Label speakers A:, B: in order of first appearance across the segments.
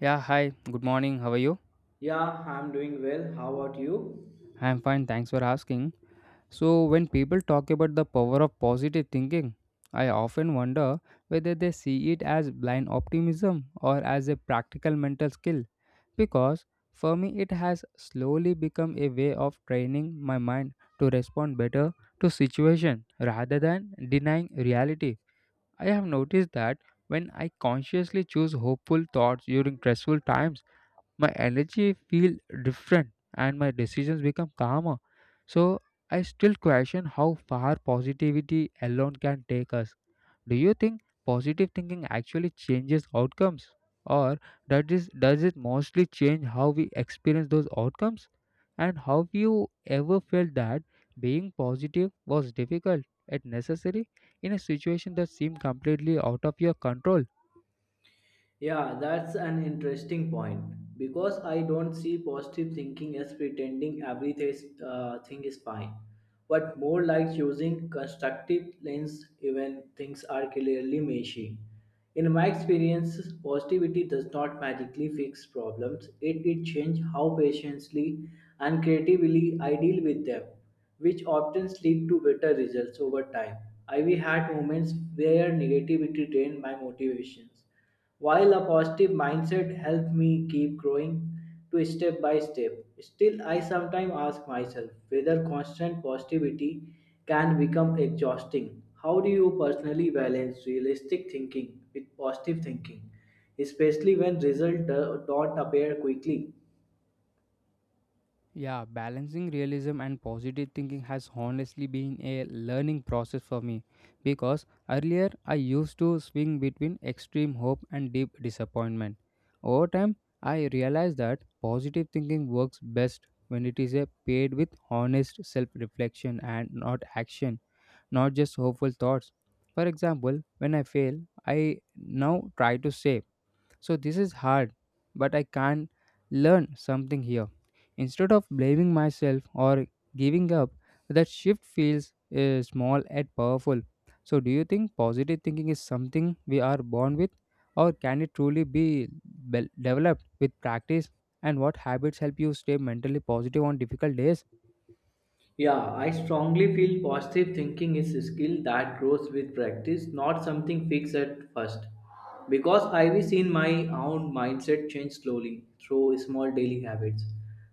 A: Yeah, hi, good morning. How are you?
B: Yeah, I'm doing well. How about you?
A: I'm fine, thanks for asking. So, when people talk about the power of positive thinking, I often wonder whether they see it as blind optimism or as a practical mental skill. Because for me, it has slowly become a way of training my mind to respond better to situation rather than denying reality. I have noticed that when I consciously choose hopeful thoughts during stressful times, my energy feel different and my decisions become calmer. So I still question how far positivity alone can take us. Do you think positive thinking actually changes outcomes, or does it mostly change how we experience those outcomes? And have you ever felt that being positive was difficult yet necessary in a situation that seemed completely out of your control?
B: Yeah, that's an interesting point because I don't see positive thinking as pretending everything is fine, but more like using constructive lens even things are clearly messy. In my experience, positivity does not magically fix problems. It changes how patiently and creatively I deal with them, which often lead to better results over time. I we had moments where negativity drained my motivations while a positive mindset helped me keep growing to step by step, still I sometimes ask myself whether constant positivity can become exhausting. How do you personally balance realistic thinking with positive thinking, especially when results don't appear quickly?
A: Yeah, balancing realism and positive thinking has honestly been a learning process for me because earlier I used to swing between extreme hope and deep disappointment. Over time, I realized that positive thinking works best when it is a paired with honest self reflection and not action, not just hopeful thoughts. For example, when I fail, I now try to say, so this is hard, but I can learn something here. Instead of blaming myself or giving up, that shift feels small and powerful. So do you think positive thinking is something we are born with, or can it truly be developed with practice? And what habits help you stay mentally positive on difficult days?
B: Yeah, I strongly feel positive thinking is a skill that grows with practice, not something fixed at first. Because I've seen my own mindset change slowly through small daily habits.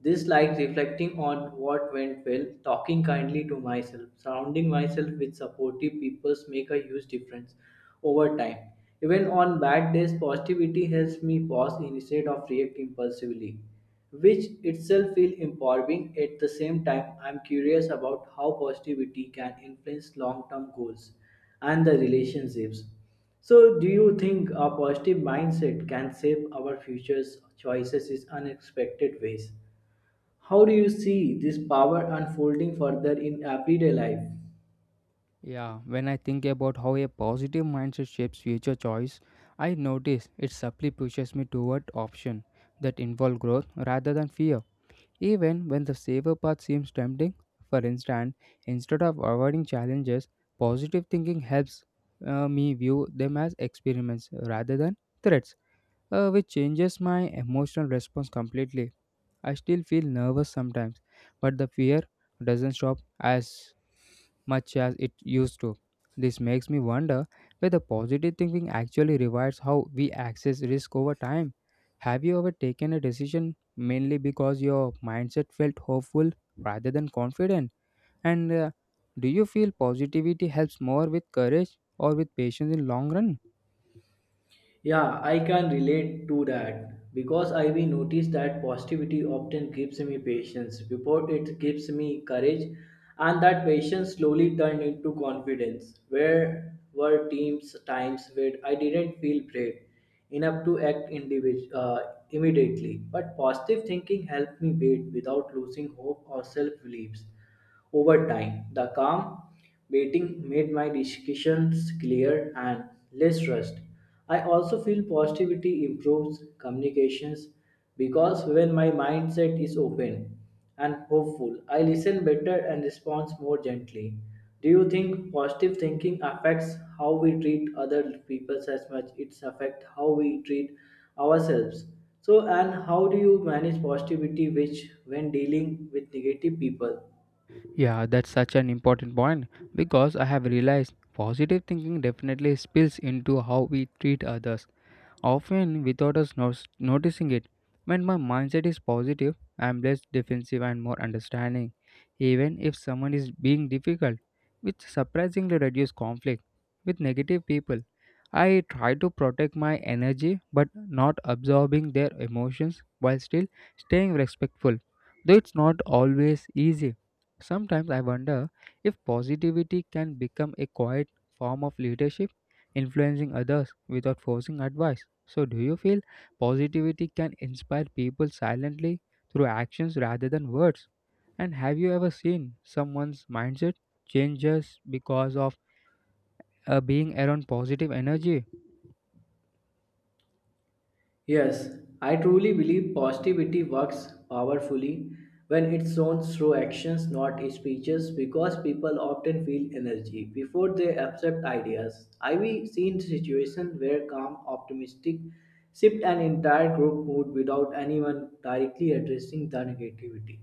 B: This like reflecting on what went well, talking kindly to myself, surrounding myself with supportive people make a huge difference over time. Even on bad days, positivity helps me pause instead of react impulsively which itself feel empowering at the same time I'm curious about how positivity can influence long-term goals and the relationships. So do you think a positive mindset can shape our future's choices in unexpected ways? How do you see this power unfolding further in everyday life?
A: Yeah, when I think about how a positive mindset shapes future choice, I notice it subtly pushes me toward options that involve growth rather than fear. Even when the safer path seems tempting, for instance, instead of avoiding challenges, positive thinking helps me view them as experiments rather than threats, which changes my emotional response completely. I still feel nervous sometimes, but the fear doesn't stop as much as it used to. This makes me wonder whether positive thinking actually rewires how we access risk over time. Have you ever taken a decision mainly because your mindset felt hopeful rather than confident? And do you feel positivity helps more with courage or with patience in long run?
B: Yeah, I can relate to that because I will notice that positivity often gives me patience before it gives me courage, and that patience slowly turned into confidence. Where were teams times where I didn't feel brave enough to act immediately, but positive thinking helped me wait without losing hope or self beliefs. Over time, the calm waiting made my discussions clear and less rushed. I also feel positivity improves communications because when my mindset is open and hopeful, I listen better and respond more gently. Do you think positive thinking affects how we treat other people as much it's affect how we treat ourselves? So and how do you manage positivity which when dealing with negative people?
A: Yeah, that's such an important point because I have realized positive thinking definitely spills into how we treat others, often without us noticing it. When my mindset is positive, I am less defensive and more understanding, even if someone is being difficult, which surprisingly reduces conflict. With negative people, I try to protect my energy but not absorbing their emotions while still staying respectful, though it's not always easy. Sometimes I wonder if positivity can become a quiet form of leadership, influencing others without forcing advice. So, do you feel positivity can inspire people silently through actions rather than words? And have you ever seen someone's mindset change just because of being around positive energy?
B: Yes, I truly believe positivity works powerfully when it's shown through actions, not speeches, because people often feel energy before they accept ideas. I've seen situations where calm, optimistic shift an entire group mood without anyone directly addressing the negativity.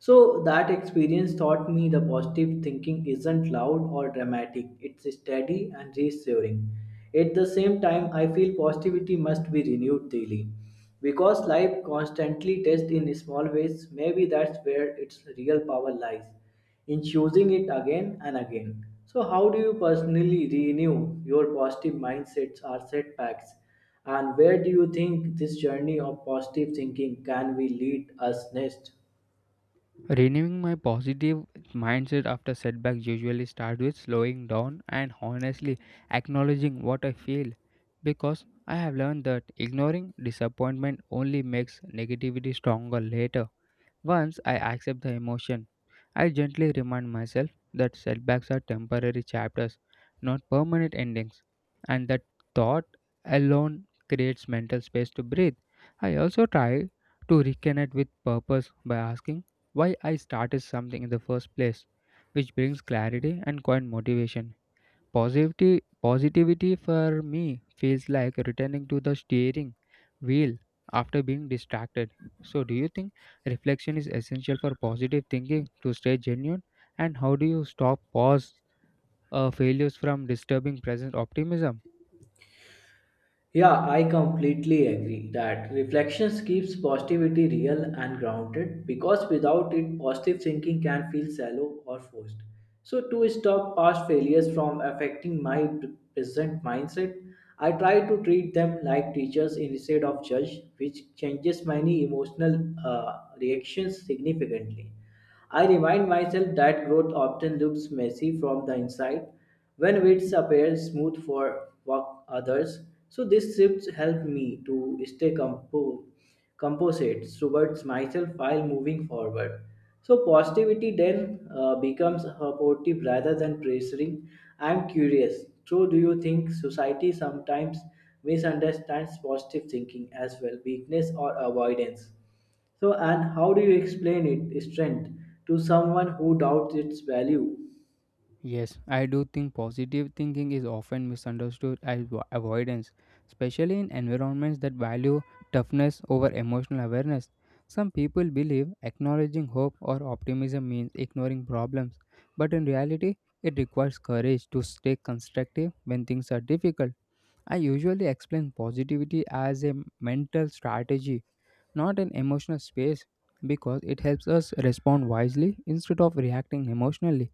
B: So that experience taught me the positive thinking isn't loud or dramatic. It's steady and reassuring. At the same time, I feel positivity must be renewed daily. Because life constantly tests in small ways, maybe that's where its real power lies, in choosing it again and again. So, how do you personally renew your positive mindsets or setbacks? And where do you think this journey of positive thinking can we lead us next?
A: Renewing my positive mindset after setbacks usually starts with slowing down and honestly acknowledging what I feel because I have learned that ignoring disappointment only makes negativity stronger later. Once I accept the emotion, I gently remind myself that setbacks are temporary chapters, not permanent endings, and that thought alone creates mental space to breathe. I also try to reconnect with purpose by asking why I started something in the first place, which brings clarity and quiet motivation. Positivity for me feels like returning to the steering wheel after being distracted. So, do you think reflection is essential for positive thinking to stay genuine? And how do you stop pause failures from disturbing present optimism?
B: Yeah, I completely agree that reflections keeps positivity real and grounded because without it positive thinking can feel shallow or forced. So to stop past failures from affecting my present mindset, I try to treat them like teachers instead of judge, which changes many emotional reactions significantly. I remind myself that growth often looks messy from the inside when it appears smooth for others. So this shift helped me to stay composite towards myself while moving forward. So positivity then becomes supportive rather than pressuring. I'm curious. So do you think society sometimes misunderstands positive thinking as well, weakness or avoidance? So, and how do you explain it, strength to someone who doubts its value?
A: Yes, I do think positive thinking is often misunderstood as avoidance, especially in environments that value toughness over emotional awareness. Some people believe acknowledging hope or optimism means ignoring problems, but in reality, it requires courage to stay constructive when things are difficult. I usually explain positivity as a mental strategy, not an emotional space, because it helps us respond wisely instead of reacting emotionally.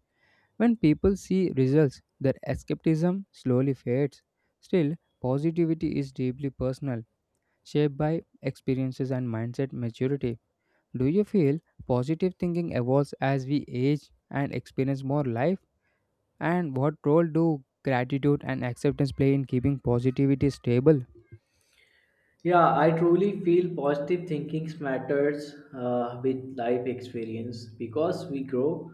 A: When people see results, their skepticism slowly fades. Still, positivity is deeply personal, shaped by experiences and mindset maturity. Do you feel positive thinking evolves as we age and experience more life? And what role do gratitude and acceptance play in keeping positivity stable?
B: Yeah, I truly feel positive thinking matters with life experience because we grow,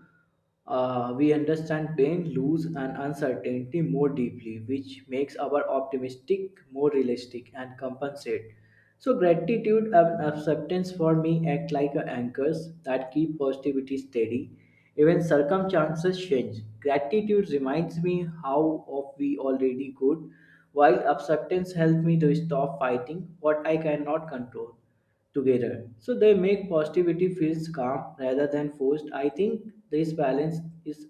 B: we understand pain, lose, and uncertainty more deeply, which makes our optimistic more realistic and compensate. So gratitude and acceptance for me act like anchors that keep positivity steady. Even circumstances change. Gratitude reminds me how of we already good, while acceptance helps me to stop fighting what I cannot control together. So they make positivity feels calm rather than forced. I think this balance is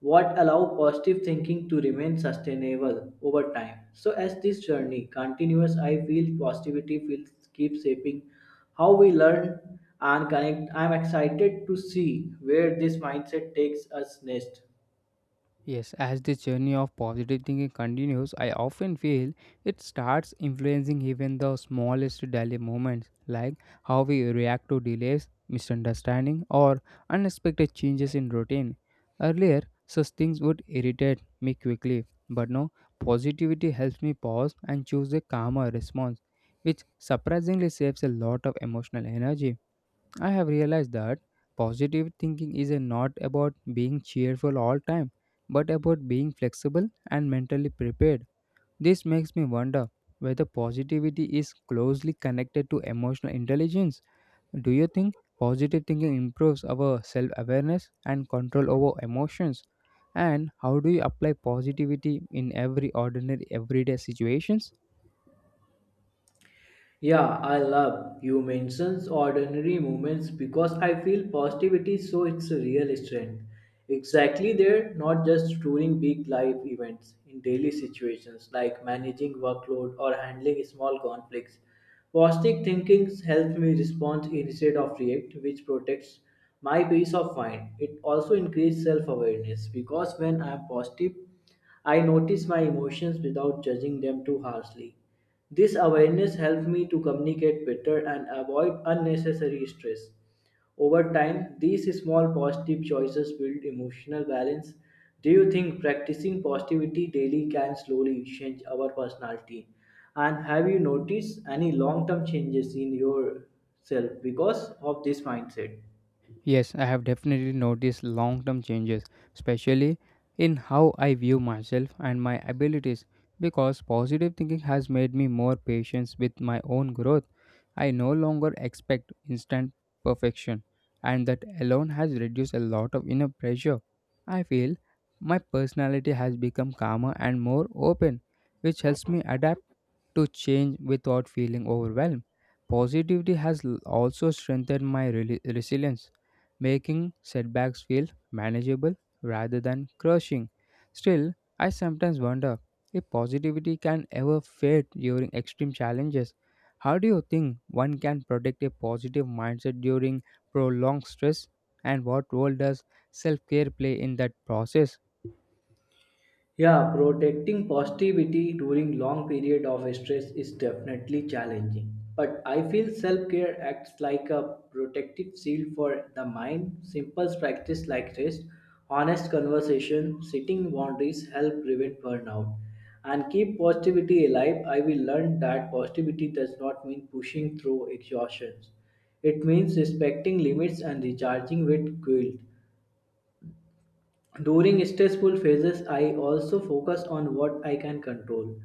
B: what allow positive thinking to remain sustainable over time. So as this journey continues, I feel positivity will keep shaping how we learn and connect. I'm excited to see where this mindset takes us next.
A: Yes, as this journey of positive thinking continues, I often feel it starts influencing even the smallest daily moments, like how we react to delays, misunderstanding, or unexpected changes in routine. Earlier, such things would irritate me quickly, but now positivity helps me pause and choose a calmer response, which surprisingly saves a lot of emotional energy. I have realized that positive thinking is not about being cheerful all time, but about being flexible and mentally prepared. This makes me wonder whether positivity is closely connected to emotional intelligence. Do you think positive thinking improves our self awareness and control over emotions? And how do you apply positivity in every ordinary everyday situations?
B: Yeah, I love you mentions ordinary moments because I feel positivity so it's a real strength. Exactly there, not just during big life events, in daily situations like managing workload or handling small conflicts. Positive thinking helps me respond instead of react, which protects my peace of mind. It also increases self-awareness because when I am positive, I notice my emotions without judging them too harshly. This awareness helped me to communicate better and avoid unnecessary stress. Over time, these small positive choices build emotional balance. Do you think practicing positivity daily can slowly change our personality? And have you noticed any long term changes in yourself because of this mindset?
A: Yes, I have definitely noticed long term changes, especially in how I view myself and my abilities, because positive thinking has made me more patient with my own growth. I no longer expect instant perfection, and that alone has reduced a lot of inner pressure. I feel my personality has become calmer and more open, which helps me adapt to change without feeling overwhelmed. Positivity has also strengthened my resilience, making setbacks feel manageable rather than crushing. Still, I sometimes wonder if positivity can ever fade during extreme challenges. How do you think one can protect a positive mindset during prolonged stress, and what role does self care play in that process?
B: Yeah, protecting positivity during long period of stress is definitely challenging. But I feel self-care acts like a protective shield for the mind. Simple practice like rest, honest conversation, setting boundaries help prevent burnout. And keep positivity alive. I will learn that positivity does not mean pushing through exhaustions. It means respecting limits and recharging with guilt. During stressful phases, I also focus on what I can control,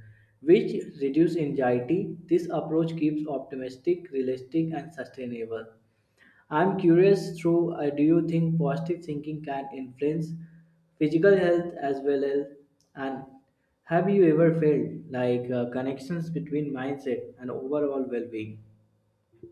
B: which reduce anxiety. This approach keeps optimistic, realistic, and sustainable. I'm curious through do you think positive thinking can influence physical health as well as and have you ever felt like connections between mindset and overall well-being?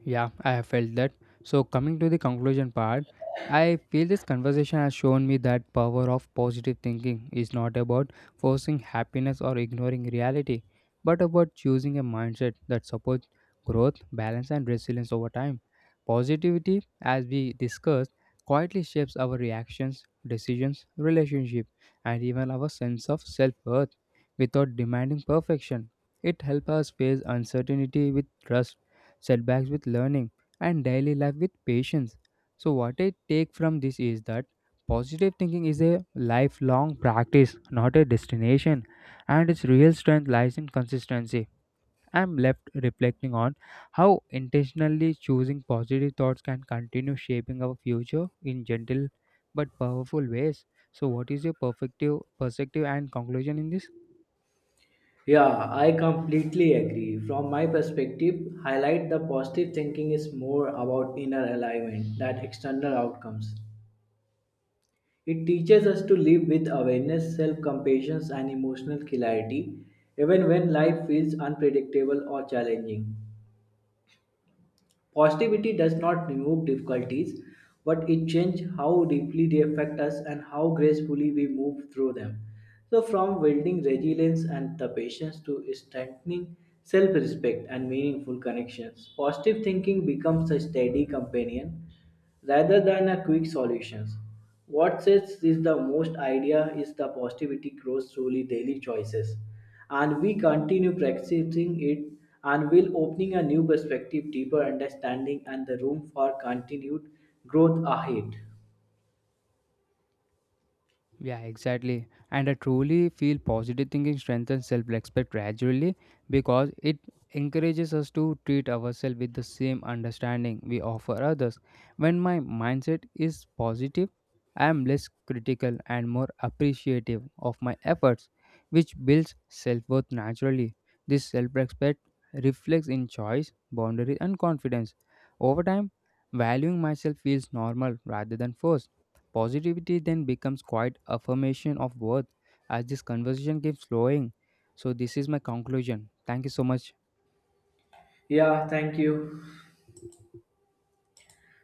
A: Yeah, I have felt that. So, coming to the conclusion part, I feel this conversation has shown me that power of positive thinking is not about forcing happiness or ignoring reality, but about choosing a mindset that supports growth, balance, and resilience over time. Positivity, as we discussed, quietly shapes our reactions, decisions, relationship, and even our sense of self-worth without demanding perfection. It helps us face uncertainty with trust, setbacks with learning, and daily life with patience. So, what I take from this is that positive thinking is a lifelong practice, not a destination, and its real strength lies in consistency. I'm left reflecting on how intentionally choosing positive thoughts can continue shaping our future in gentle but powerful ways. So, what is your perfective perspective and conclusion in this?
B: Yeah, I completely agree. From my perspective, highlight the positive thinking is more about inner alignment than external outcomes. It teaches us to live with awareness, self compassion, and emotional clarity, even when life feels unpredictable or challenging. Positivity does not remove difficulties, but it changes how deeply they affect us and how gracefully we move through them. So, from building resilience and the patience to strengthening self respect and meaningful connections, positive thinking becomes a steady companion rather than a quick solutions. What sets this the most idea is the positivity grows through daily choices, and we continue practicing it and will opening a new perspective, deeper understanding, and the room for continued growth ahead.
A: Yeah, exactly. And I truly feel positive thinking strengthens self respect gradually because it encourages us to treat ourselves with the same understanding we offer others. When my mindset is positive, I am less critical and more appreciative of my efforts, which builds self worth naturally. This self respect reflects in choice, boundaries, and confidence. Over time, valuing myself feels normal rather than forced. Positivity then becomes quite affirmation of worth as this conversation keeps flowing. So this is my conclusion. Thank you so much.
B: Yeah, thank you.